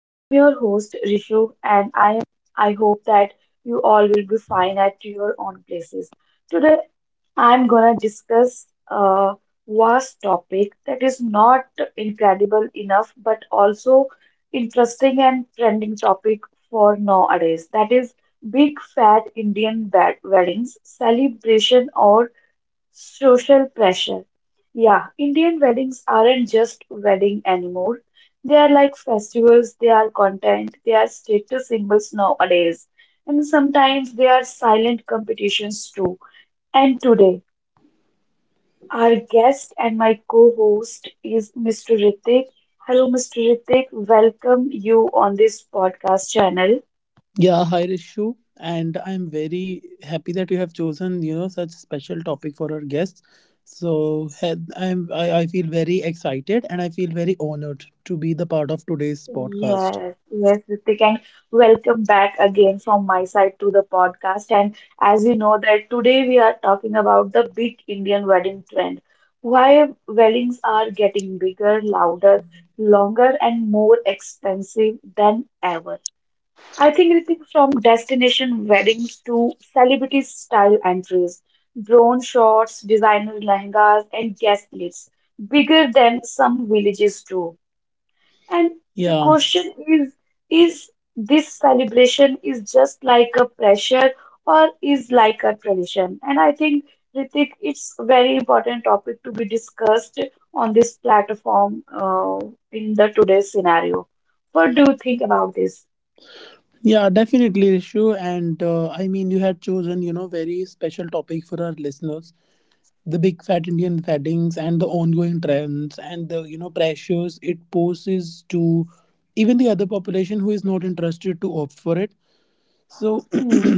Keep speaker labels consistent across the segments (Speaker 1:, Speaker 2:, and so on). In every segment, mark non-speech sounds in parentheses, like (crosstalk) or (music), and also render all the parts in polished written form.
Speaker 1: I'm your host Rishu and I hope that you all will be fine at your own places. Today I'm gonna discuss a vast topic that is not incredible enough but also interesting and trending topic for nowadays. That is big fat Indian weddings, celebration or social pressure. Yeah, Indian weddings aren't just wedding anymore. They are like festivals, they are content, they are status symbols nowadays. And sometimes they are silent competitions too. And today, our guest and my co-host is Mr. Ritik. Hello, Mr. Ritik. Welcome you on this podcast channel.
Speaker 2: Yeah, hi Rishu, and I'm very happy that you have chosen such special topic for our guests. I feel very excited and I feel very honored to be the part of today's podcast.
Speaker 1: Yes, yes, Ritik, and welcome back again from my side to the podcast. And as you know that today we are talking about the big Indian wedding trend, why weddings are getting bigger, louder, longer, and more expensive than ever. I think Ritik, from destination weddings to celebrity style entries, drone shots, designer lehengas, and guest lists, bigger than some villages too. And the
Speaker 2: Yeah,
Speaker 1: question is this celebration is just like a pressure or is like a tradition? And I think, Ritik, it's a very important topic to be discussed on this platform in the today's scenario. What do you think about this?
Speaker 2: yeah, definitely Rishu, and I mean you had chosen very special topic for our listeners, the big fat Indian weddings and the ongoing trends and the pressures it poses to even the other population who is not interested to opt for it. So
Speaker 1: Hmm.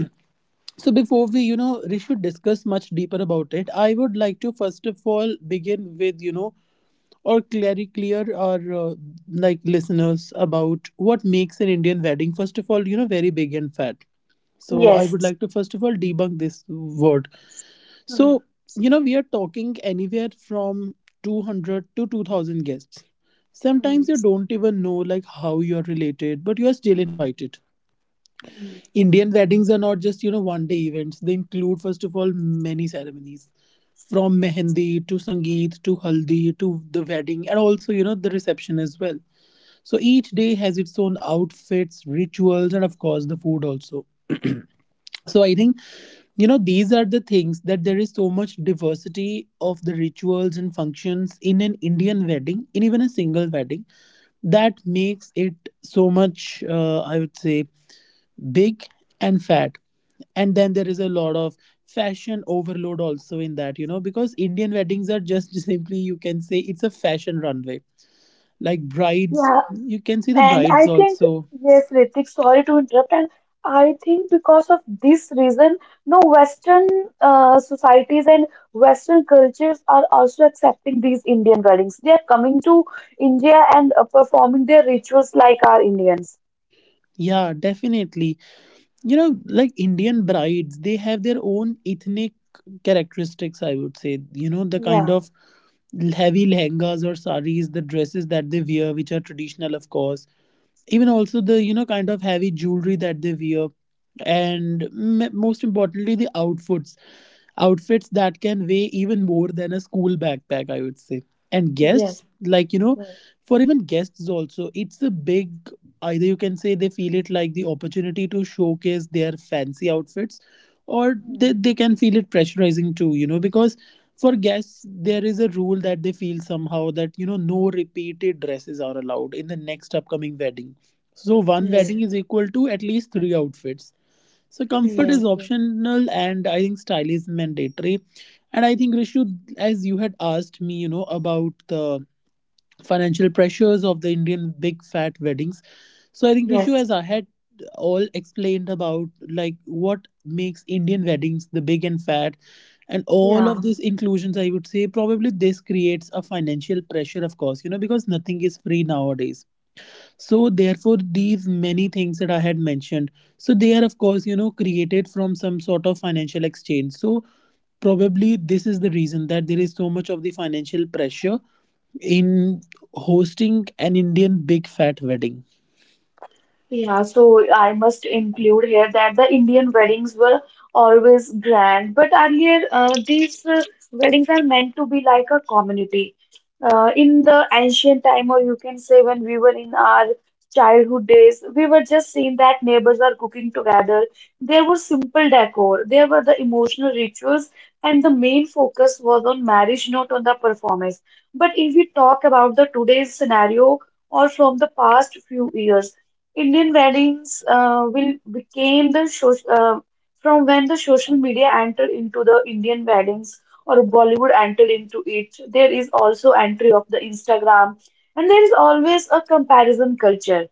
Speaker 2: So before we should discuss much deeper about it. I would like to first of all begin with, or clear our like listeners about what makes an Indian wedding. First of all, very big and fat. So I would
Speaker 1: Yes.
Speaker 2: like to first of all debunk this word.
Speaker 1: Hmm.
Speaker 2: So we are talking anywhere from 200 to 2,000 guests.
Speaker 1: Hmm.
Speaker 2: Sometimes you don't even know like how you are related, but you are still invited. Indian weddings are not just, 1 day events. They include, first of all, many ceremonies from mehendi to sangeet to haldi to the wedding, and also, the reception as well. So each day has its own outfits, rituals, and of course, the food also. So I think, these are the things that there is so much diversity of the rituals and functions in an Indian wedding, in even a single wedding, that makes it so much, I would say, big and fat. And then there is a lot of fashion overload also in that, because Indian weddings are just (laughs) simply, you can say, it's a fashion runway. Like brides,
Speaker 1: Yeah,
Speaker 2: you can see the
Speaker 1: and
Speaker 2: brides
Speaker 1: I think,
Speaker 2: also.
Speaker 1: yes, Ritik, sorry to interrupt. And I think because of this reason, no Western societies and Western cultures are also accepting these Indian weddings. They are coming to India and performing their rituals like our Indians.
Speaker 2: Yeah, definitely. Like Indian brides, they have their own ethnic characteristics, I would say, the kind
Speaker 1: Yeah,
Speaker 2: of heavy lehengas or saris, the dresses that they wear, which are traditional, of course. Even also the kind of heavy jewelry that they wear, and most importantly the outfits that can weigh even more than a school backpack, I would say. And
Speaker 1: yes,
Speaker 2: guests, like,
Speaker 1: yes.
Speaker 2: for even guests also, it's a big, either you can say they feel it like the opportunity to showcase their fancy outfits, or
Speaker 1: Hmm,
Speaker 2: they can feel it pressurizing too, because for guests there is a rule that they feel somehow that no repeated dresses are allowed in the next upcoming wedding, so one
Speaker 1: yes,
Speaker 2: wedding is equal to at least three outfits. So comfort
Speaker 1: yes,
Speaker 2: is optional and I think style is mandatory. And I think Rishu, as you had asked me, about the financial pressures of the Indian big fat weddings. So I think Rishu,
Speaker 1: yes,
Speaker 2: as I had all explained about like what makes Indian weddings the big and fat, and all of
Speaker 1: yeah.
Speaker 2: these inclusions, I would say probably this creates a financial pressure, of course, because nothing is free nowadays. So therefore, these many things that I had mentioned, so they are, of course, created from some sort of financial exchange. So probably this is the reason that there is so much of the financial pressure in hosting an Indian big fat wedding.
Speaker 1: Yeah, so I must include here that the Indian weddings were always grand, but earlier these weddings are meant to be like a community. In the ancient time, or you can say when we were in our childhood days, we were just seeing that neighbors are cooking together. There were simple decor, there were the emotional rituals, and the main focus was on marriage, not on the performance. But if we talk about the today's scenario or from the past few years, Indian weddings will became the social from when the social media entered into the Indian weddings or Bollywood entered into it. There is also entry of the Instagram, and there is always a comparison culture.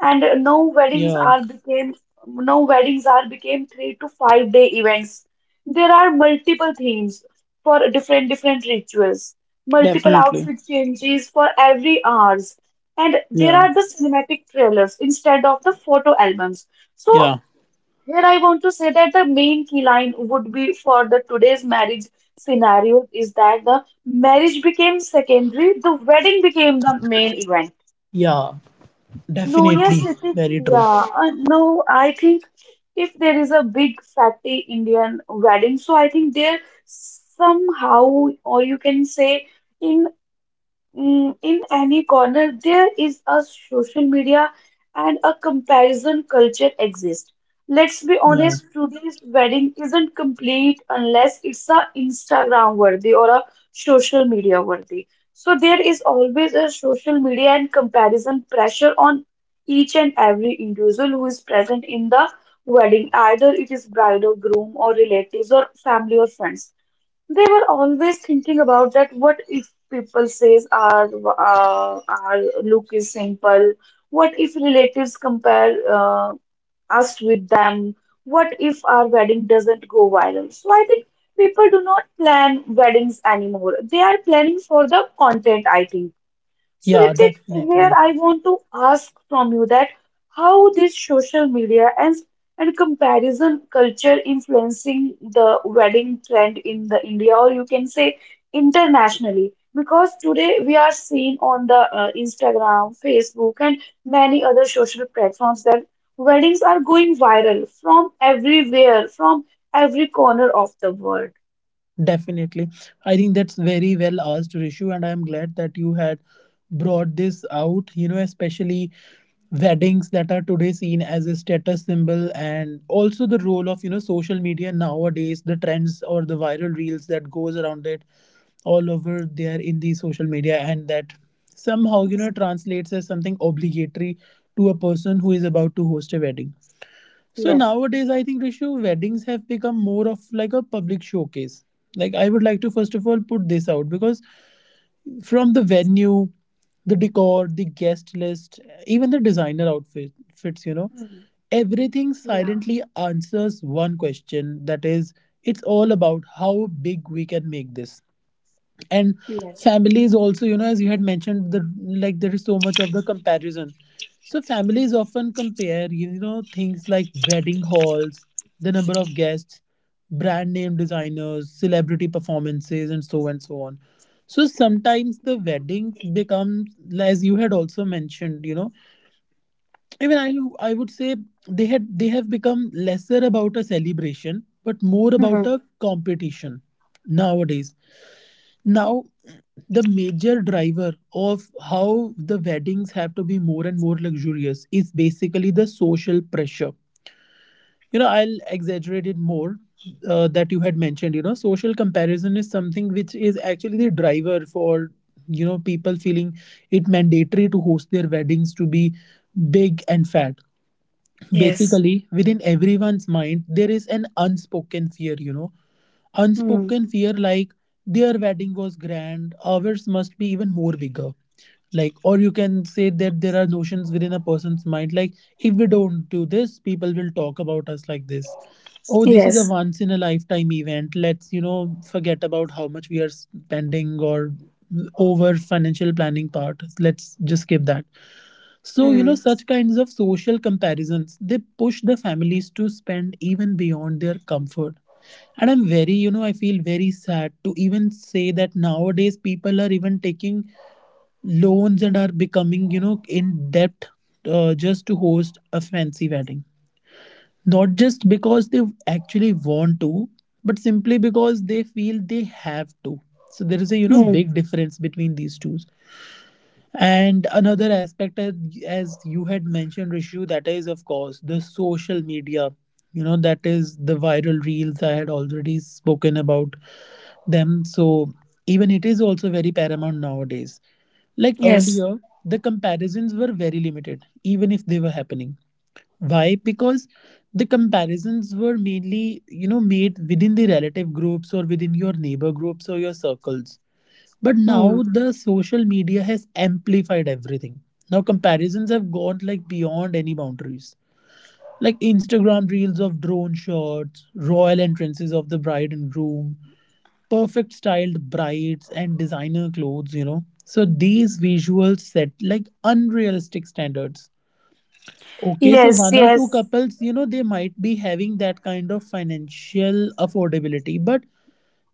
Speaker 1: And
Speaker 2: Yeah,
Speaker 1: no weddings are became 3 to 5 day events. There are multiple themes for different different rituals, multiple
Speaker 2: definitely.
Speaker 1: outfit changes for every hours, and there
Speaker 2: Yeah,
Speaker 1: are the cinematic trailers instead of the photo albums. So
Speaker 2: yeah,
Speaker 1: here I want to say that the main key line would be for the today's marriage scenario is that the marriage became secondary, the wedding became the main event.
Speaker 2: yeah,
Speaker 1: No,
Speaker 2: definitely.
Speaker 1: yes, Nitik,
Speaker 2: Very true.
Speaker 1: yeah. No, I think if there is a big fatty Indian wedding, so I think there somehow, or you can say, in in any corner there is a social media and a comparison culture exists. Let's be
Speaker 2: Yeah,
Speaker 1: honest, today's wedding isn't complete unless it's a Instagram worthy or a social media worthy. So there is always a social media and comparison pressure on each and every individual who is present in the wedding, either it is bride or groom or relatives or family or friends. They were always thinking about that. What if people says our look is simple? What if relatives compare us with them? What if our wedding doesn't go viral? So I think people do not plan weddings anymore. They are planning for the content, I think. So,
Speaker 2: yeah,
Speaker 1: Ritik, here
Speaker 2: definitely.
Speaker 1: I want to ask from you that how this social media and comparison culture influencing the wedding trend in the India, or you can say internationally, because today we are seeing on the Instagram, Facebook, and many other social platforms that weddings are going viral from everywhere, from every corner of the world.
Speaker 2: Definitely. I think that's very well asked, Rishu, and I'm glad that you had brought this out, especially weddings that are today seen as a status symbol, and also the role of, social media nowadays, the trends or the viral reels that goes around it all over there in the social media, and that somehow,
Speaker 1: Hmm.
Speaker 2: translates as something obligatory to a person who is about to host a wedding. So
Speaker 1: Yes.
Speaker 2: nowadays, I think Rishu, weddings have become more of like a public showcase. Like I would like to first of all put this out because from the venue, the decor, the guest list, even the designer outfit fits,
Speaker 1: Hmm.
Speaker 2: everything
Speaker 1: Yeah.
Speaker 2: silently answers one question, that is, it's all about how big we can make this. And
Speaker 1: Yes.
Speaker 2: families also, as you had mentioned, the, like, there is so much of the comparison. So families often compare, things like wedding halls, the number of guests, brand name designers, celebrity performances, and so on. So sometimes the weddings become, as you had also mentioned, even I would say they have become lesser about a celebration, but more about a competition nowadays. Now, the major driver of how the weddings have to be more and more luxurious is basically the social pressure. I'll exaggerate it more, that you had mentioned. Social comparison is something which is actually the driver for, people feeling it mandatory to host their weddings to be big and fat.
Speaker 1: Yes.
Speaker 2: Basically, within everyone's mind, there is an unspoken fear, you know,
Speaker 1: Hmm.
Speaker 2: unspoken fear like their wedding was grand, ours must be even more bigger. Like, or you can say that there are notions within a person's mind, like, if we don't do this, people will talk about us like this. Oh, this is a
Speaker 1: Yes.
Speaker 2: once in a lifetime event. Let's, forget about how much we are spending or over financial planning part. Let's just skip that, so,
Speaker 1: Hmm.
Speaker 2: such kinds of social comparisons, they push the families to spend even beyond their comfort. And I'm I feel very sad to even say that nowadays people are even taking loans and are becoming, in debt, just to host a fancy wedding. Not just because they actually want to, but simply because they feel they have to. So there is a,
Speaker 1: Hmm.
Speaker 2: big difference between these two. And another aspect, as you had mentioned, Rishu, that is, of course, the social media. That is the viral reels. I had already spoken about them. So even it is also very paramount nowadays. Like
Speaker 1: Yes.
Speaker 2: earlier, the comparisons were very limited, even if they were happening. Why? Because the comparisons were mainly, made within the relative groups or within your neighbor groups or your circles, but
Speaker 1: Hmm.
Speaker 2: now the social media has amplified everything. Now comparisons have gone like beyond any boundaries. Like Instagram reels of drone shots, royal entrances of the bride and groom, perfect styled brides and designer clothes. So these visuals set like unrealistic standards. Okay, so
Speaker 1: Yes,
Speaker 2: one or two
Speaker 1: yes.
Speaker 2: couples, they might be having that kind of financial affordability, but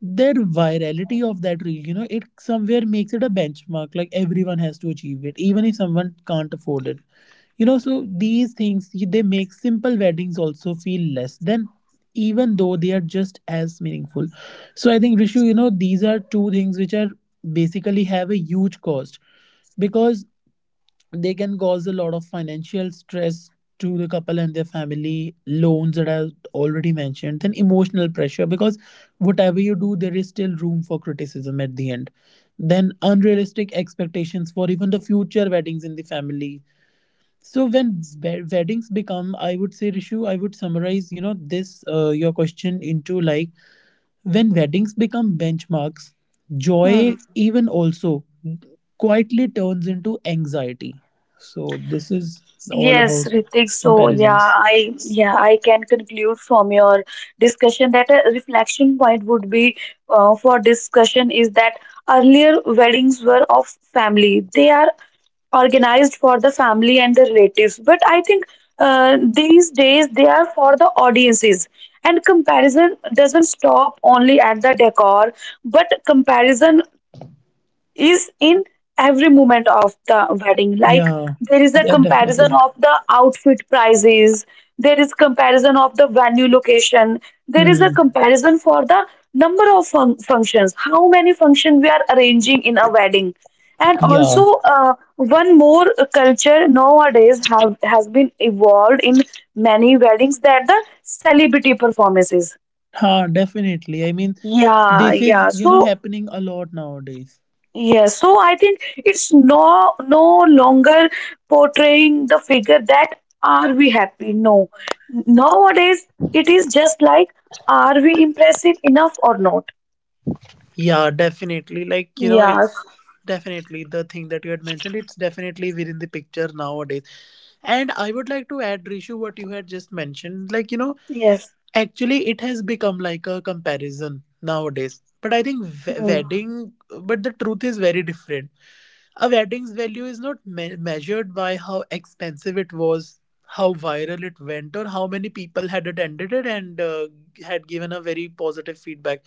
Speaker 2: that virality of that reel, it somewhere makes it a benchmark. Like everyone has to achieve it, even if someone can't afford it. So these things they make simple weddings also feel less than, even though they are just as meaningful. So I think Rishu, these are two things which are basically have a huge cost because they can cause a lot of financial stress to the couple and their family, loans that I already mentioned, then emotional pressure because whatever you do there is still room for criticism at the end, then unrealistic expectations for even the future weddings in the family. So when weddings become, I would say, Rishu, I would summarize, this, your question into like, when weddings become benchmarks, joy
Speaker 1: Hmm.
Speaker 2: even also quietly turns into anxiety. So this is all about
Speaker 1: Yes, Ritik. So
Speaker 2: comparisons.
Speaker 1: yeah, I can conclude from your discussion that a reflection point would be for discussion is that earlier weddings were of family. They are organized for the family and the relatives. But I think these days they are for the audiences. And comparison doesn't stop only at the decor, but comparison is in every moment of the wedding, like
Speaker 2: Yeah,
Speaker 1: there is a
Speaker 2: yeah,
Speaker 1: comparison
Speaker 2: definitely.
Speaker 1: of the outfit prices, there is comparison of the venue location, there is a
Speaker 2: Hmm.
Speaker 1: comparison for the number of functions, how many functions we are arranging in a wedding, and also
Speaker 2: Yeah.
Speaker 1: one more culture nowadays have has been evolved in many weddings, that the celebrity performances.
Speaker 2: Huh, definitely. I mean,
Speaker 1: Yeah,
Speaker 2: this
Speaker 1: yeah,
Speaker 2: is,
Speaker 1: so
Speaker 2: happening a lot nowadays.
Speaker 1: yes, so I think it's no longer portraying the figure that are we happy? No. Nowadays it is just like, are we impressive enough or not?
Speaker 2: Yeah, definitely. It's
Speaker 1: Yes.
Speaker 2: definitely the thing that you had mentioned. It's definitely within the picture nowadays. And I would like to add, Rishu, what you had just mentioned. Like, you know,
Speaker 1: Yes.
Speaker 2: Actually, it has become like a comparison nowadays. But I think but the truth is very different. A wedding's value is not measured by how expensive it was, how viral it went, or how many people had attended it and had given a very positive feedback.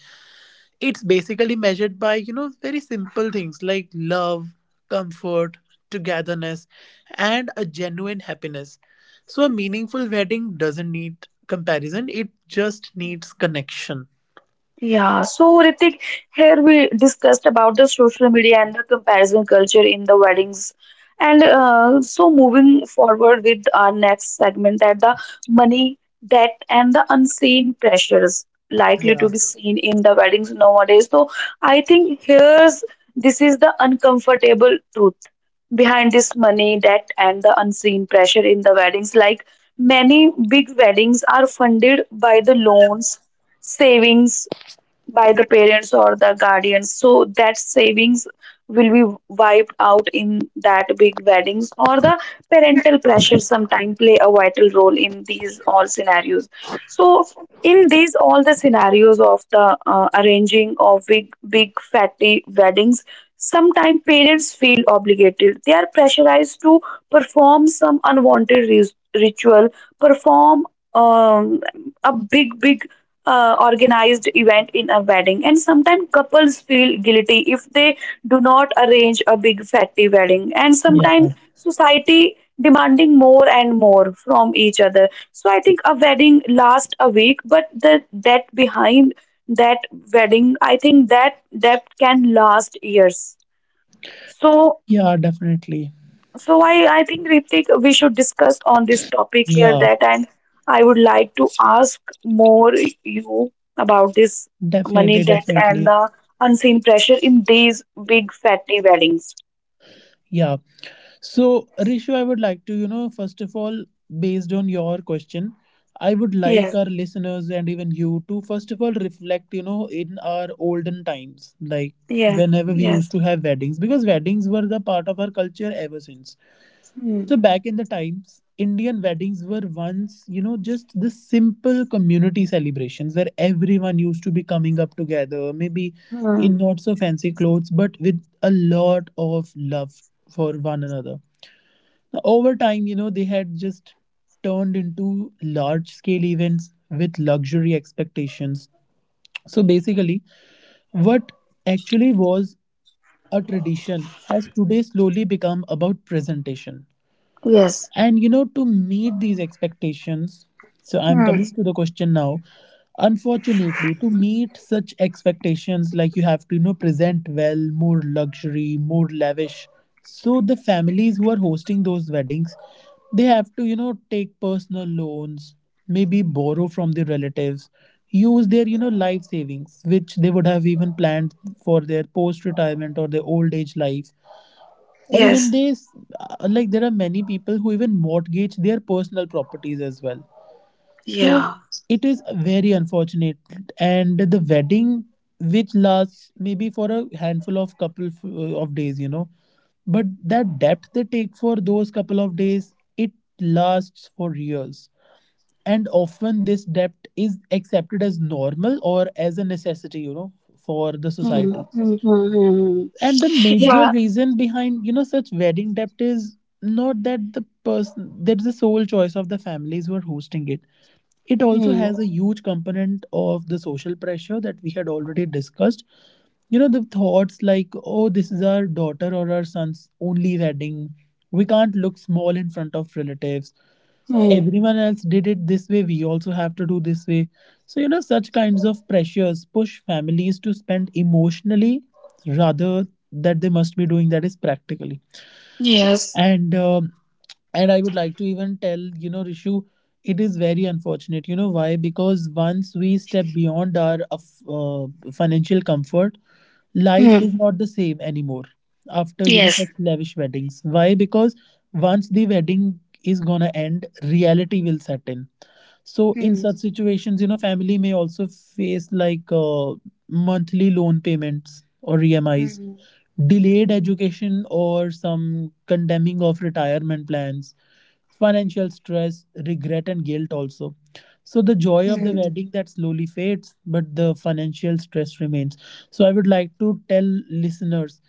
Speaker 2: It's basically measured by, very simple things like love, comfort, togetherness, and a genuine happiness. So a meaningful wedding doesn't need comparison, it just needs connection.
Speaker 1: Yeah, so Ritik, here we discussed about the social media and the comparison culture in the weddings. And so moving forward with our next segment, that the money, debt, and the unseen pressures likely
Speaker 2: Yeah.
Speaker 1: to be seen in the weddings nowadays. So I think here's this is the uncomfortable truth behind this money, debt, and the unseen pressure in the weddings. Like many big weddings are funded by the loans, savings by the parents or the guardians, so that savings will be wiped out in that big weddings, or the parental pressure sometimes play a vital role in these all scenarios. So in these all the scenarios of the arranging of big big fatty weddings, sometimes parents feel obligated, they are pressurized to perform some unwanted ritual, perform um, a big big organized event in a wedding, and sometimes couples feel guilty if they do not arrange a big fatty wedding, and sometimes
Speaker 2: Yeah.
Speaker 1: society demanding more and more from each other. So I think a wedding lasts a week, but the that behind that wedding, I think that that can last years. So
Speaker 2: Yeah, definitely.
Speaker 1: so I think Ritik, we should discuss on this topic here
Speaker 2: Yeah.
Speaker 1: that, and I would like to ask more you about this money,
Speaker 2: Definitely,
Speaker 1: debt, and
Speaker 2: definitely.
Speaker 1: the unseen pressure in these big fatty weddings.
Speaker 2: Yeah. So, Rishu, I would like to, first of all, based on your question, I would
Speaker 1: Yeah,
Speaker 2: like our listeners and even you to, first of all, reflect, in our olden times, like
Speaker 1: yeah,
Speaker 2: whenever we used
Speaker 1: yes.
Speaker 2: to have weddings, because weddings were the part of our culture ever since.
Speaker 1: Hmm.
Speaker 2: So, back in the times, Indian weddings were once, you know, just the simple community celebrations where everyone used to be coming up together, maybe in
Speaker 1: Hmm.
Speaker 2: not so fancy clothes, but with a lot of love for one another. Over time, you know, they had just turned into large scale events with luxury expectations. So basically, what actually was a tradition has today slowly become about presentation.
Speaker 1: Yes.
Speaker 2: And you know, to meet these expectations, so I'm coming to the question now. Unfortunately, to meet such expectations, like you have to, you know, present well, more luxury, more lavish. So the families who are hosting those weddings, they have to, you know, take personal loans, maybe borrow from their relatives, use their, you know, life savings, which they would have even planned for their post retirement or their old age life, or even like there are many people who even mortgage their personal properties as well. So it is very unfortunate, and the wedding which lasts maybe for a handful of couple of days, you know, but that debt they take for those couple of days, it lasts for years, and often this debt is accepted as normal or as a necessity, you know, for the
Speaker 1: Hmm.
Speaker 2: society.
Speaker 1: Hmm. Hmm.
Speaker 2: And the major reason behind, you know, such wedding debt is not that the person, that's the sole choice of the families who are hosting it. It also
Speaker 1: Hmm.
Speaker 2: has a huge component of the social pressure that we had already discussed. You know, the thoughts like, oh, this is our daughter or our son's only wedding, we can't look small in front of relatives,
Speaker 1: Hmm. Hmm.
Speaker 2: everyone else did it this way, we also have to do this way. So, you know, such kinds of pressures push families to spend emotionally rather that they must be doing that is practically. and um, and I would like to even tell, you know, Rishu, it is very unfortunate, you know, why, because once we step beyond our financial comfort, life is not the same anymore after, you know, such lavish weddings. Why? Because once the wedding is gonna end, reality will set in. So in such situations, you know, family may also face like monthly loan payments or EMIs, delayed education or some condemning of retirement plans, financial stress, regret and guilt also. So the joy of the wedding that slowly fades, but the financial stress remains. So I would like to tell listeners,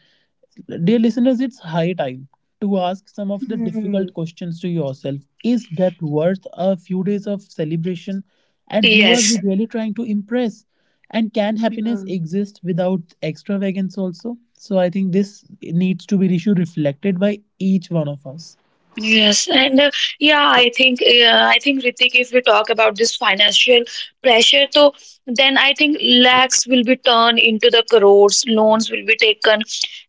Speaker 2: dear listeners, it's high time to ask some of the
Speaker 1: Hmm.
Speaker 2: difficult questions to yourself. Is depth worth a few days of celebration? And who are we
Speaker 1: Yes.
Speaker 2: really trying to impress? And can happiness exist without extravagance also? So I think this needs to be issue reflected by each one of us.
Speaker 1: Yes, and yeah, I think Ritik, if we talk about this financial pressure, so then I think lakhs will be turned into the crores, loans will be taken,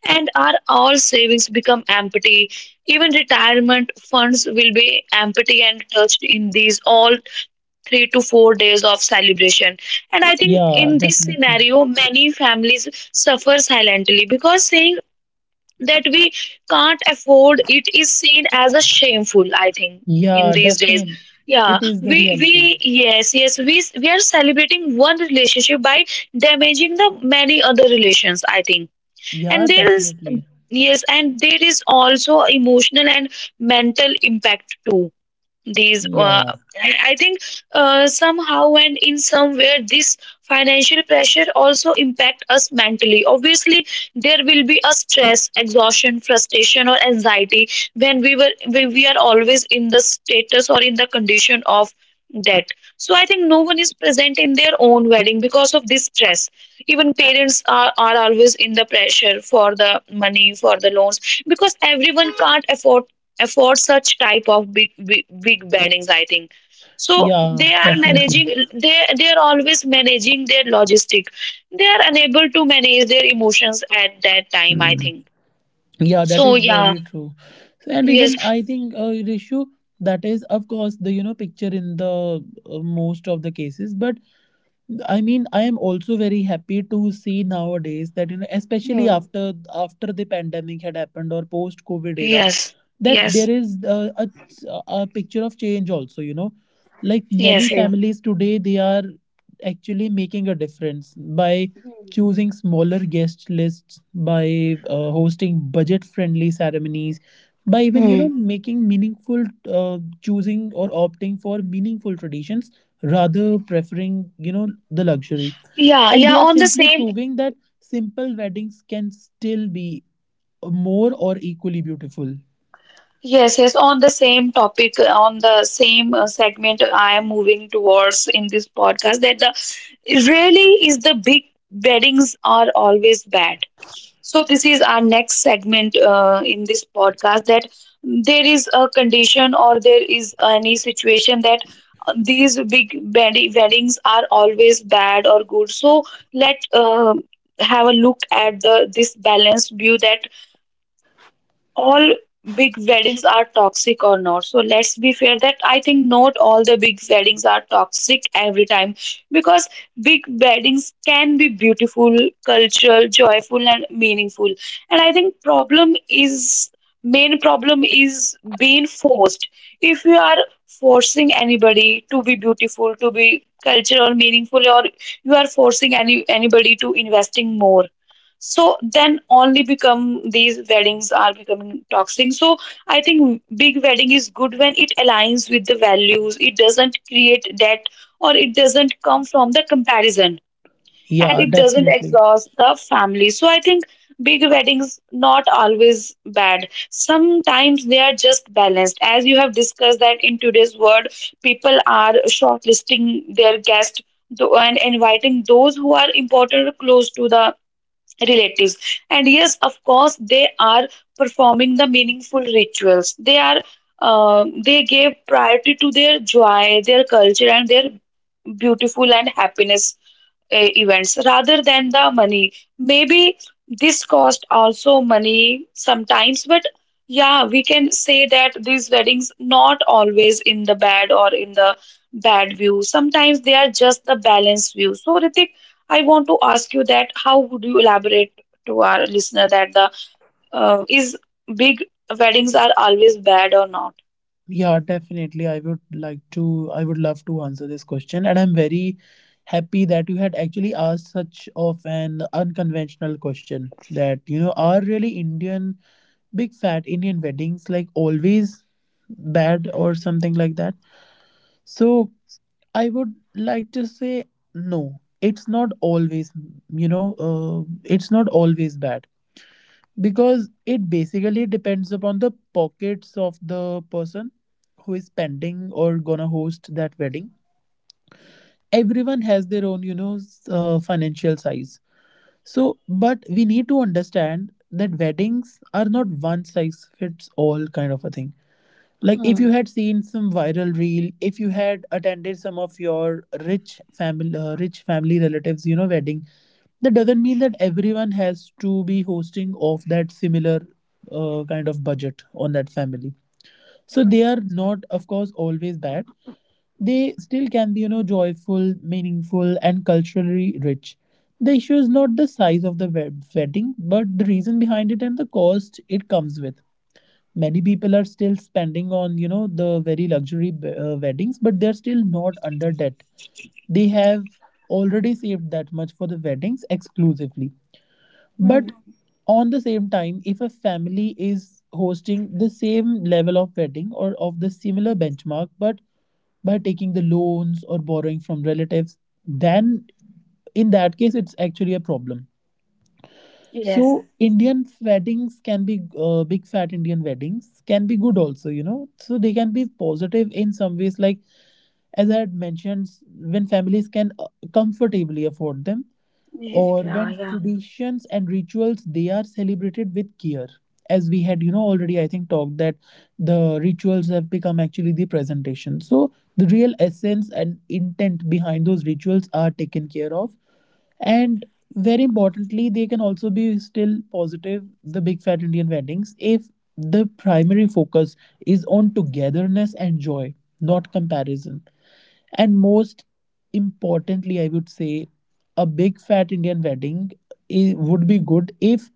Speaker 1: and our all savings become empty. Even retirement funds will be empty and touched in these all 3 to 4 days of celebration. And I think
Speaker 2: Yeah,
Speaker 1: in this
Speaker 2: definitely.
Speaker 1: scenario, many families suffer silently because saying that we can't afford it is seen as a shameful, I think, in
Speaker 2: Yeah,
Speaker 1: these days.
Speaker 2: definitely.
Speaker 1: Yeah,
Speaker 2: It is the
Speaker 1: we
Speaker 2: reality.
Speaker 1: yes, yes, we are celebrating one relationship by damaging the many other relations, I think. And
Speaker 2: Yeah,
Speaker 1: there is,
Speaker 2: definitely.
Speaker 1: yes, and there is also emotional and mental impact too. These
Speaker 2: Yeah,
Speaker 1: I think somehow and in somewhere this financial pressure also impact us mentally. Obviously there will be a stress, exhaustion, frustration or anxiety when we were when we are always in the status or in the condition of debt. So I think no one is present in their own wedding because of this stress. Even parents are always in the pressure for the money, for the loans, because everyone can't afford afford such type of big big, big weddings, I think. So
Speaker 2: yeah,
Speaker 1: they are
Speaker 2: definitely.
Speaker 1: managing, they are always managing their logistic, they are unable to manage their emotions at that time, I
Speaker 2: Hmm.
Speaker 1: think.
Speaker 2: Yeah, that
Speaker 1: So
Speaker 2: is
Speaker 1: yeah,
Speaker 2: very true. And even
Speaker 1: yes,
Speaker 2: I think Rishu, that is of course the, you know, picture in the most of the cases. But I mean, I am also very happy to see nowadays that, you know, especially after the pandemic had happened or post COVID era, that there is a picture of change also, you know. Like many families today, they are actually making a difference by choosing smaller guest lists, by hosting budget friendly ceremonies, by even, you know, making meaningful choosing or opting for meaningful traditions rather preferring, you know, the luxury,
Speaker 1: yeah,
Speaker 2: and
Speaker 1: yeah,
Speaker 2: they are
Speaker 1: on the
Speaker 2: simply
Speaker 1: same,
Speaker 2: proving that simple weddings can still be more or equally beautiful.
Speaker 1: yes, yes, on the same topic, on the same segment, I am moving towards in this podcast that the really is the big weddings are always bad. So this is our next segment in this podcast that there is a condition or there is any situation that these big weddings are always bad or good. So let have a look at the this balanced view that all big weddings are toxic or not. So let's be fair that I think not all the big weddings are toxic every time, because big weddings can be beautiful, cultural, joyful and meaningful. And I think problem is main problem is being forced. If you are forcing anybody to be beautiful, to be cultural, meaningful, or you are forcing anybody to investing more, so then only become these weddings are becoming toxic. So I think big wedding is good when it aligns with the values, it doesn't create debt, or it doesn't come from the comparison, and
Speaker 2: Yeah,
Speaker 1: it doesn't
Speaker 2: definitely.
Speaker 1: exhaust the family. So I think big weddings not always bad, sometimes they are just balanced, as you have discussed that in today's world people are shortlisting their guests, and inviting those who are important or close to the relatives. And yes, of course, they are performing the meaningful rituals. They are they gave priority to their joy, their culture, and their beautiful and happiness events rather than the money. Maybe this cost also money sometimes, but yeah, we can say that these weddings not always in the bad or in the bad view. Sometimes they are just the balanced view. So Ritik, I want to ask you that how would you elaborate to our listener that the is big weddings are always bad or not?
Speaker 2: Yeah, definitely. I would love to answer this question. And I'm very happy that you had actually asked such of an unconventional question that, you know, are really Indian, big fat Indian weddings like always bad or something like that? So I would like to say no. It's not always, you know, it's not always bad, because it basically depends upon the pockets of the person who is spending or gonna host that wedding. Everyone has their own, you know, financial size. So but we need to understand that weddings are not one size fits all kind of a thing. Like if you had seen some viral reel, if you had attended some of your rich family relatives, you know, wedding, that doesn't mean that everyone has to be hosting of that similar kind of budget on that family. So they are not of course always bad. They still can be, you know, joyful, meaningful and culturally rich. The issue is not the size of the wedding, but the reason behind it and the cost it comes with. Many people are still spending on, you know, the very luxury weddings, but they're still not under debt. They have already saved that much for the weddings exclusively. But on the same time, if a family is hosting the same level of wedding or of the similar benchmark, but by taking the loans or borrowing from relatives, then in that case it's actually a problem. So Indian weddings can be big fat Indian weddings can be good also, you know. So they can be positive in some ways, like as I had mentioned, when families can comfortably afford them, or when traditions and rituals they are celebrated with care, as we had, you know, already I think talked, that the rituals have become actually the presentation, so the real essence and intent behind those rituals are taken care of. And very importantly, they can also be still positive, the big fat Indian weddings, if the primary focus is on togetherness and joy, not comparison. And most importantly, I would say, a big fat Indian wedding would be good if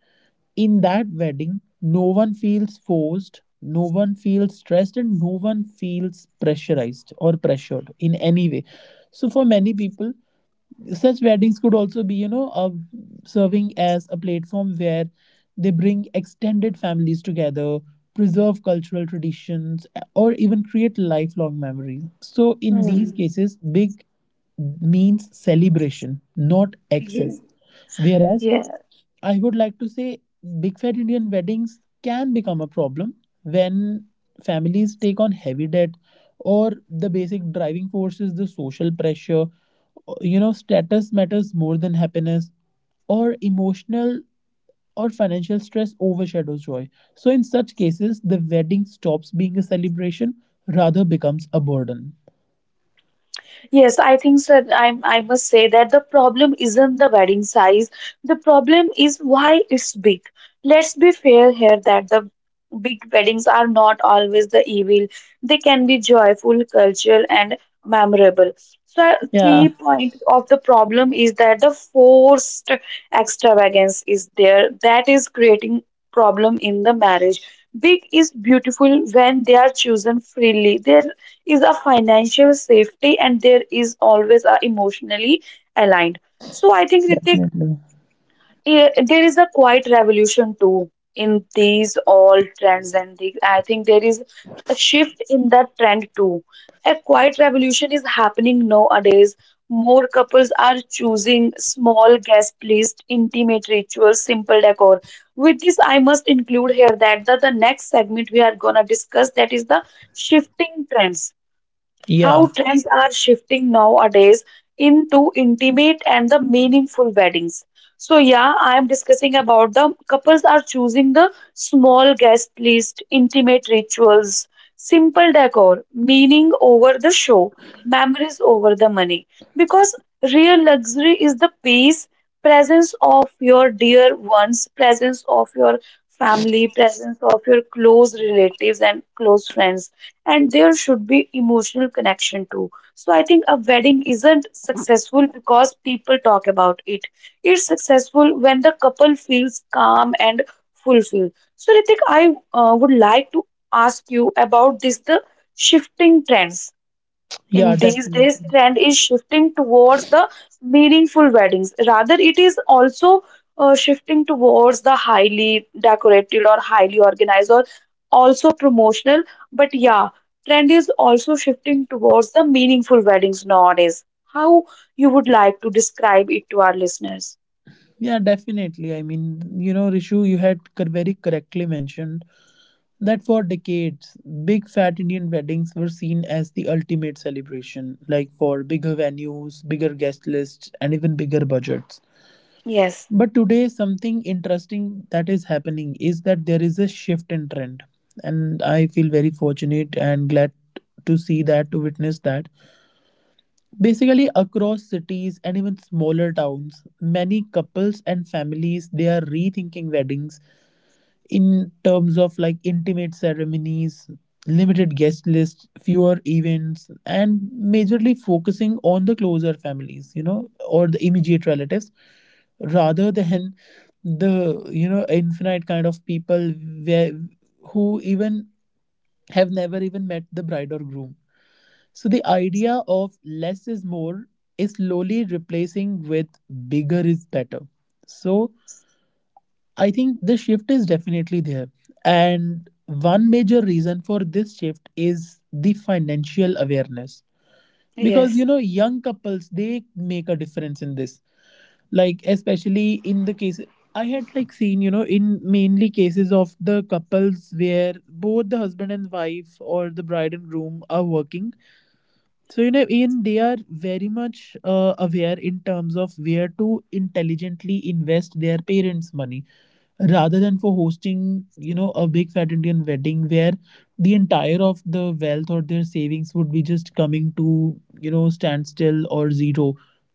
Speaker 2: in that wedding no one feels forced, no one feels stressed, and no one feels pressurized or pressured in any way. So, for many people, such weddings could also be, you know, serving as a platform where they bring extended families together, preserve cultural traditions, or even create lifelong memories. So in these cases, big means celebration, not excess. Whereas I would like to say big fat Indian weddings can become a problem when families take on heavy debt, or the basic driving force is the social pressure. You know, status matters more than happiness, or emotional or financial stress overshadows joy. So, in such cases, the wedding stops being a celebration, rather becomes a burden.
Speaker 1: Yes, I think so. I must say that the problem isn't the wedding size. The problem is why it's big. Let's be fair here that the big weddings are not always the evil. They can be joyful, cultural, and memorable. So a
Speaker 2: Yeah,
Speaker 1: key point of the problem is that the forced extravagance is there. That is creating problem in the marriage. Big is beautiful when they are chosen freely. There is a financial safety and there is always a emotionally aligned. So I think Ritik,
Speaker 2: definitely.
Speaker 1: there is a quiet revolution too in these all trends and things. I think there is a shift in that trend too. A quiet revolution is happening nowadays. More couples are choosing small guest list, intimate rituals, simple decor. With this, I must include here that the next segment we are gonna discuss that is the shifting trends,
Speaker 2: Yeah,
Speaker 1: how trends are shifting nowadays into intimate and the meaningful weddings. So yeah, I am discussing about the couples are choosing the small guest list, intimate rituals, simple decor, meaning over the show, memories over the money. Because real luxury is the peace, presence of your dear ones, presence of your family, presence of your close relatives and close friends, and there should be emotional connection too. So I think a wedding isn't successful because people talk about it. It's successful when the couple feels calm and fulfilled. So Ritik, I would like to ask you about this the shifting trends.
Speaker 2: yeah,
Speaker 1: In these days
Speaker 2: definitely.
Speaker 1: trend is shifting towards the meaningful weddings, rather it is also shifting towards the highly decorated or highly organized or also promotional, but yeah, trend is also shifting towards the meaningful weddings nowadays. How you would like to describe it to our listeners?
Speaker 2: Yeah, definitely. I mean, you know, Rishu, you had very correctly mentioned that for decades, big fat Indian weddings were seen as the ultimate celebration, like for bigger venues, bigger guest lists, and even bigger budgets. But today, something interesting that is happening is that there is a shift in trend. And I feel very fortunate and glad to see that, to witness that. Basically, across cities and even smaller towns, many couples and families they are rethinking weddings in terms of like intimate ceremonies, limited guest lists, fewer events, and majorly focusing on the closer families, you know, or the immediate relatives, rather than the, you know, infinite kind of people where who even have never even met the bride or groom. So the idea of less is more is slowly replacing with bigger is better. So I think the shift is definitely there. And one major reason for this shift is the financial awareness, because you know young couples they make a difference in this, like especially in the case I had like seen, you know, in mainly cases of the couples where both the husband and wife or the bride and groom are working. So, you know, Ian, they are very much aware in terms of where to intelligently invest their parents' money rather than for hosting, you know, a big fat Indian wedding where the entire of the wealth or their savings would be just coming to, you know, standstill or zero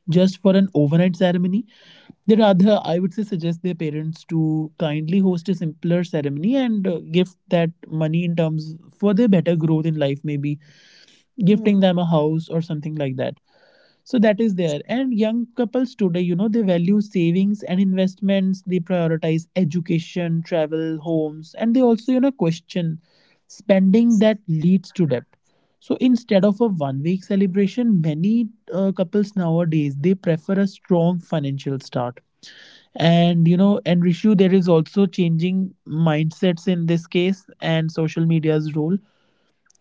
Speaker 2: just for an overnight ceremony. They rather, I would say, suggest their parents to kindly host a simpler ceremony and give that money in terms for their better growth in life, maybe gifting them a house or something like that. So that is there. And young couples today, they value savings and investments. They prioritize education, travel, homes, and they also question spending that leads to debt. So instead of a 1 week celebration, many couples nowadays, they prefer a strong financial start. And, Rishu, there is also changing mindsets in this case and social media's role,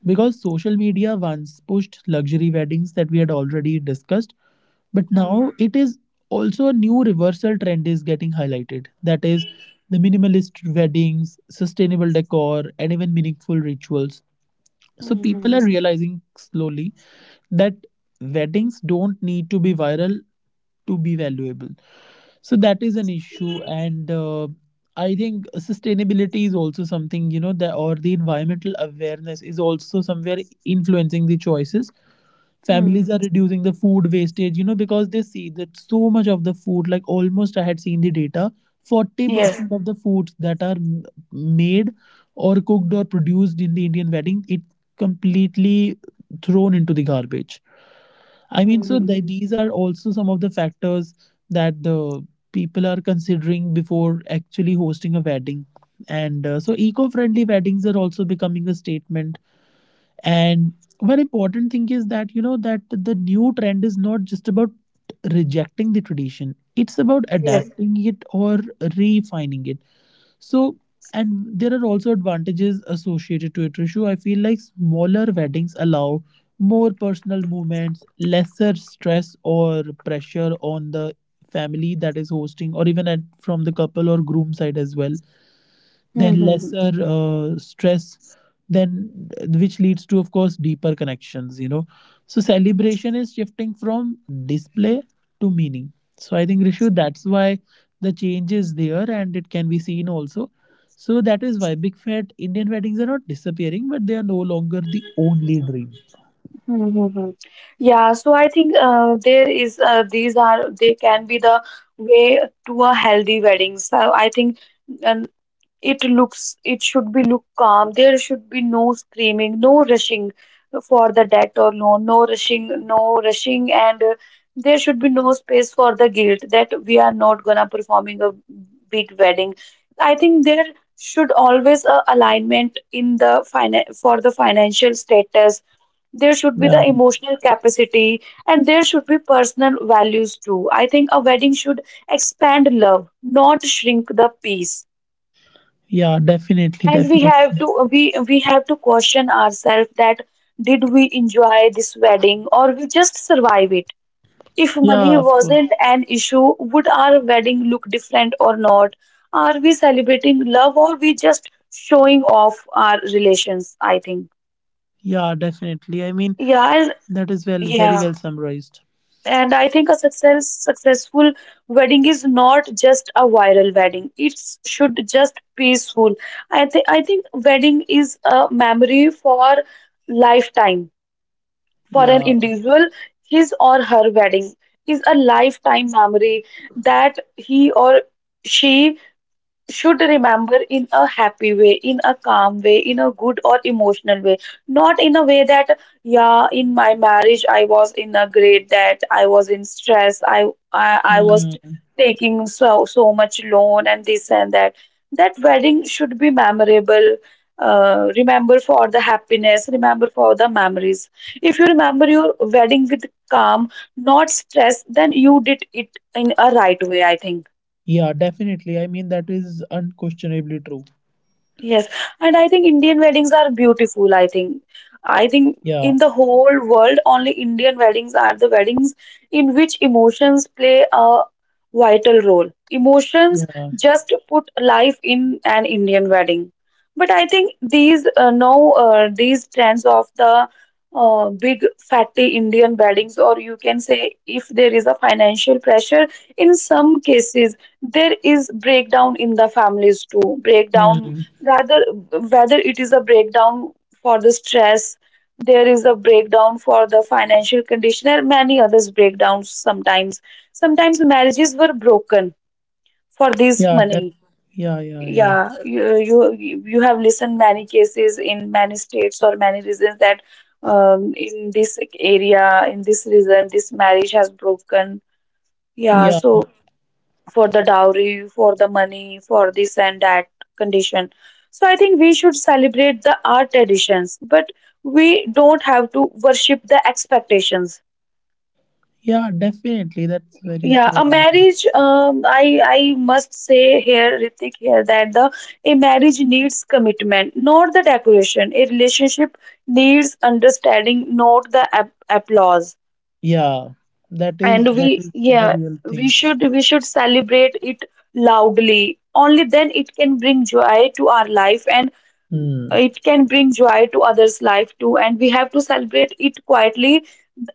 Speaker 2: because social media once pushed luxury weddings that we had already discussed, but now it is also a new reversal trend is getting highlighted, that is the minimalist weddings, sustainable decor, and even meaningful rituals. So people are realizing slowly that weddings don't need to be viral to be valuable. So that is an issue. And I think sustainability is also something, that, or the environmental awareness is also somewhere influencing the choices. Families are reducing the food wastage, because they see that so much of the food, like almost, I had seen the data, 40% of the foods that are made or cooked or produced in the Indian wedding, it completely thrown into the garbage. I mean, so these are also some of the factors that the people are considering before actually hosting a wedding. And eco friendly weddings are also becoming a statement. And one important thing is that, that the new trend is not just about rejecting the tradition, it's about adapting it or refining it. So, and there are also advantages associated to it, Rishu. I feel like smaller weddings allow more personal movements, lesser stress or pressure on the family that is hosting, or even at, from the couple or groom side as well, then lesser stress, then which leads to, of course, deeper connections, so celebration is shifting from display to meaning. So I think, Rishu, that's why the change is there and it can be seen also. So that is why big fat Indian weddings are not disappearing, but they are no longer the only dream.
Speaker 1: Yeah, so I think there is, these are they can be the way to a healthy wedding. So I think it looks it should be look calm. There should be no screaming, no rushing for the debt or loan, no rushing, no rushing, and there should be no space for the guilt that we are not gonna performing a big wedding. I think there should always a alignment in the finan- for the financial status. There should be the
Speaker 2: Yeah.
Speaker 1: emotional capacity and there should be personal values too. I think a wedding should expand love, not shrink the peace.
Speaker 2: Yeah, definitely,
Speaker 1: And we
Speaker 2: definitely.
Speaker 1: have to we we have to question ourselves that did we enjoy this wedding or we just survive it? If
Speaker 2: Yeah,
Speaker 1: money
Speaker 2: of course.
Speaker 1: wasn't an issue, would our wedding look different or not? Are we celebrating love or we just showing off our relations? I think.
Speaker 2: Yeah, definitely. I mean,
Speaker 1: Yeah, I
Speaker 2: that is, well, very
Speaker 1: yeah.
Speaker 2: well summarized.
Speaker 1: And I think a successful wedding is not just a viral wedding. It should just peaceful. I think wedding is a memory for lifetime. For an
Speaker 2: Yeah.
Speaker 1: individual, his or her wedding is a lifetime memory that he or she should remember in a happy way, in a calm way, in a good or emotional way, not in a way that, yeah, in my marriage I was in a great that I was in stress, I was
Speaker 2: Hmm.
Speaker 1: taking so much loan and this and that. That wedding should be memorable. Remember for the happiness, remember for the memories. If you remember your wedding with calm, not stress, then you did it in a right way, I think.
Speaker 2: Yeah, definitely. I mean, that is unquestionably true.
Speaker 1: And I think Indian weddings are beautiful. I think in
Speaker 2: Yeah,
Speaker 1: the whole world, only Indian weddings are the weddings in which emotions play a vital role. Emotions
Speaker 2: yeah,
Speaker 1: just put life in an Indian wedding. But I think these trends of the big fatty Indian weddings, or you can say if there is a financial pressure, in some cases there is breakdown in the families too. Breakdown,
Speaker 2: hmm.
Speaker 1: rather whether it is a breakdown for the stress, there is a breakdown for the financial condition and many others breakdowns. Sometimes marriages were broken for this
Speaker 2: Yeah,
Speaker 1: money.
Speaker 2: yeah, yeah, yeah,
Speaker 1: Yeah, you have listened many cases in many states or many reasons that in this area in this reason this marriage has broken, yeah,
Speaker 2: yeah,
Speaker 1: so for the dowry, for the money, for this and that condition. So I think we should celebrate the art traditions, but we don't have to worship the expectations.
Speaker 2: yeah. Definitely, that's very
Speaker 1: Yeah, a
Speaker 2: true. I mean,
Speaker 1: marriage. I must say here, Ritik, here that the a marriage needs commitment, not the decoration. A relationship needs understanding, not the ap- applause.
Speaker 2: yeah, that
Speaker 1: And
Speaker 2: is, that
Speaker 1: we,
Speaker 2: is the
Speaker 1: yeah,
Speaker 2: real
Speaker 1: we
Speaker 2: thing.
Speaker 1: should we should celebrate it loudly, only then it can bring joy to our life and
Speaker 2: Hmm.
Speaker 1: it can bring joy to others life too, and we have to celebrate it quietly,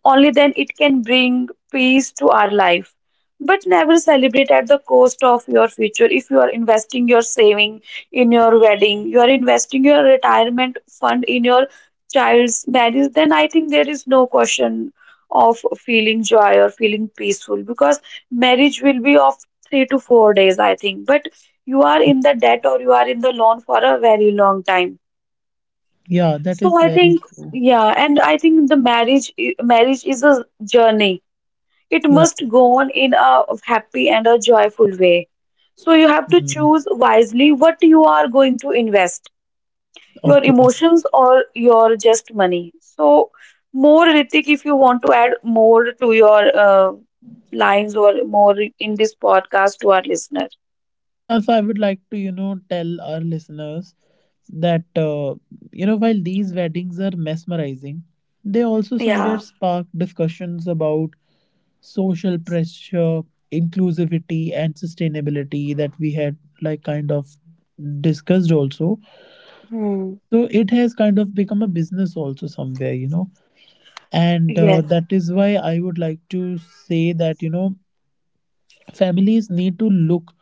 Speaker 1: only then it can bring peace to our life. But never celebrate at the cost of your future. If you are investing your saving in your wedding, you are investing your retirement fund in your child's marriage, then I think there is no question of feeling joy or feeling peaceful because marriage will be of 3 to 4 days, I think. But you are in the debt or you are in the loan for a very long time.
Speaker 2: Yeah, that
Speaker 1: So
Speaker 2: is
Speaker 1: I
Speaker 2: very
Speaker 1: think,
Speaker 2: true.
Speaker 1: yeah, and I think the marriage is a journey, it
Speaker 2: Yeah.
Speaker 1: must go on in a happy and a joyful way. So you have to
Speaker 2: Mm.
Speaker 1: choose wisely what you are going to invest, your
Speaker 2: Okay.
Speaker 1: emotions or your just money. So more Ritik, if you want to add more to your lines or more in this podcast to our listeners.
Speaker 2: Yeah, so I would like to, tell our listeners that, while these weddings are mesmerizing, they also somewhere spark discussions about social pressure, inclusivity, and sustainability, that we had like kind of discussed also. So it has kind of become a business also somewhere, And that is why I would like to say that, families need to look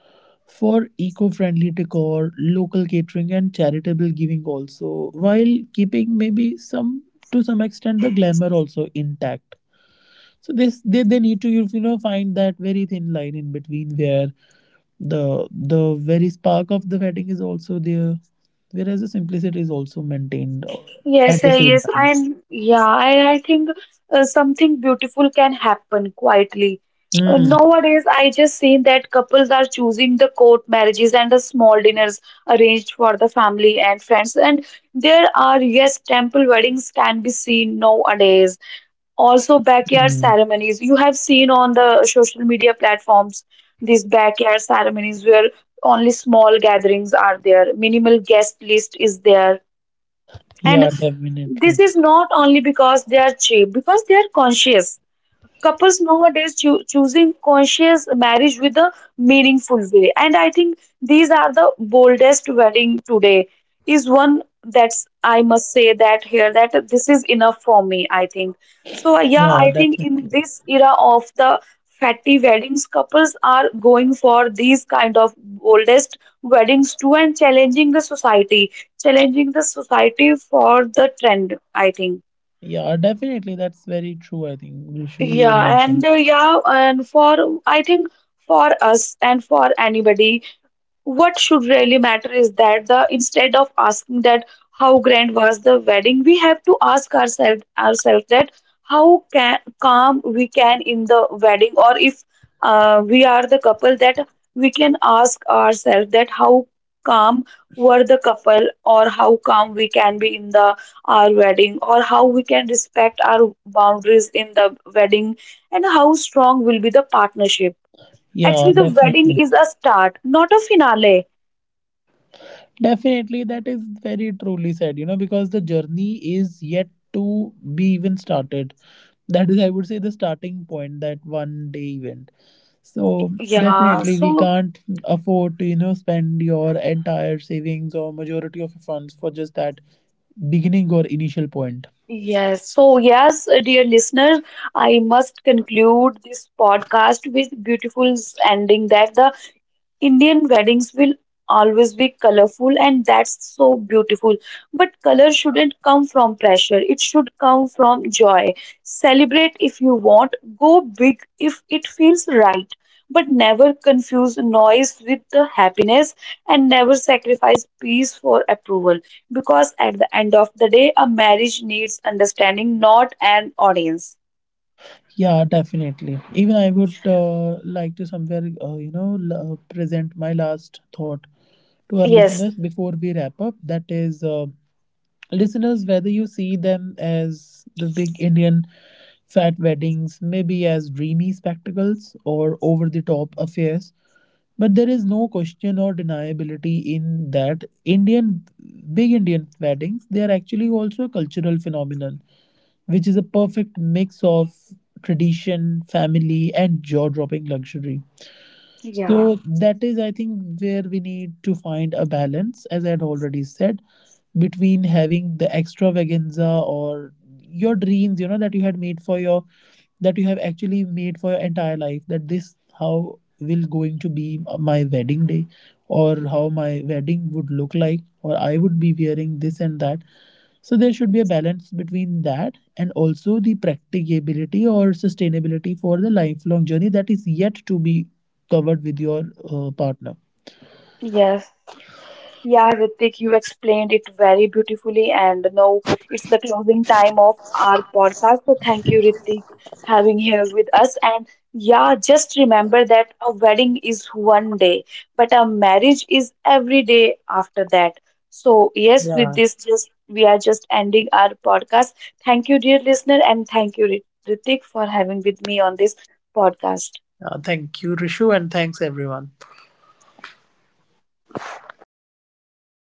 Speaker 2: for eco friendly decor, local catering, and charitable giving also, while keeping maybe some, to some extent, the glamour also intact. So this, they need to, find that very thin line in between where the very spark of the wedding is also there, whereas the simplicity is also maintained at the same
Speaker 1: Yes,
Speaker 2: time.
Speaker 1: and yeah, I think something beautiful can happen quietly.
Speaker 2: Mm,
Speaker 1: Nowadays, I just seen that couples are choosing the court marriages and the small dinners arranged for the family and friends. And there are, yes, temple weddings can be seen nowadays. Also, backyard
Speaker 2: mm.
Speaker 1: ceremonies. You have seen on the social media platforms these backyard ceremonies where only small gatherings are there, minimal guest list is there, and
Speaker 2: Yeah,
Speaker 1: this
Speaker 2: definitely.
Speaker 1: is not only because they are cheap because they are conscious. Couples nowadays choo- choosing conscious marriage with a meaningful way, and I think these are the boldest wedding today is one that's. I must say that here that this is enough for me, I think. So yeah,
Speaker 2: Yeah,
Speaker 1: I think in
Speaker 2: definitely.
Speaker 1: this era of the fatty weddings couples are going for these kind of boldest weddings too and challenging the society, challenging the society for the trend, I think.
Speaker 2: Yeah, definitely. That's very true. I think, Vishu, you had
Speaker 1: Yeah, and
Speaker 2: mentioned.
Speaker 1: yeah, and for I think for us and for anybody what should really matter is that the instead of asking that how grand was the wedding, we have to ask ourselves that how can, calm we can in the wedding, or if we are the couple that we can ask ourselves that how calm were the couple or how calm we can be in the our wedding or how we can respect our boundaries in the wedding and how strong will be the partnership. Actually
Speaker 2: Yeah,
Speaker 1: the wedding
Speaker 2: definitely.
Speaker 1: is a start, not a finale.
Speaker 2: Definitely, that is very truly said, because the journey is yet to be even started. That is, I would say, the starting point, that 1 day event. So
Speaker 1: Uh,
Speaker 2: definitely we
Speaker 1: so
Speaker 2: can't afford to, spend your entire savings or majority of your funds for just that beginning or initial point.
Speaker 1: yes, so yes, dear listener, I must conclude this podcast with beautiful ending that the Indian weddings will always be colorful, and that's so beautiful. But color shouldn't come from pressure, it should come from joy. Celebrate if you want, go big if it feels right, but never confuse noise with the happiness and never sacrifice peace for approval. Because at the end of the day, a marriage needs understanding, not an audience.
Speaker 2: Yeah, definitely. Even I would like to somewhere, present my last thought to our listeners before we wrap up. That is, listeners, whether you see them as the big Indian fat weddings, maybe as dreamy spectacles or over the top affairs, but there is no question or deniability in that Indian, big Indian weddings, they are actually also a cultural phenomenon, which is a perfect mix of tradition, family, and jaw dropping luxury. So that is, I think, where we need to find a balance, as I had already said, between having the extravaganza or your dreams, that you have actually made for your entire life, that this how will going to be my wedding day, or how my wedding would look like, or I would be wearing this and that. So there should be a balance between that and also the practicability or sustainability for the lifelong journey that is yet to be covered with your partner.
Speaker 1: Yeah, Ritik, you explained it very beautifully, and now it's the closing time of our podcast. So thank you, Ritik, having here with us. And yeah, just remember that a wedding is one day, but a marriage is every day after that. So yes, with
Speaker 2: Yeah.
Speaker 1: this, just we are just ending our podcast. Thank you, dear listener, and thank you, Ritik, for having with me on this podcast.
Speaker 2: Thank you, Rishu, and thanks everyone.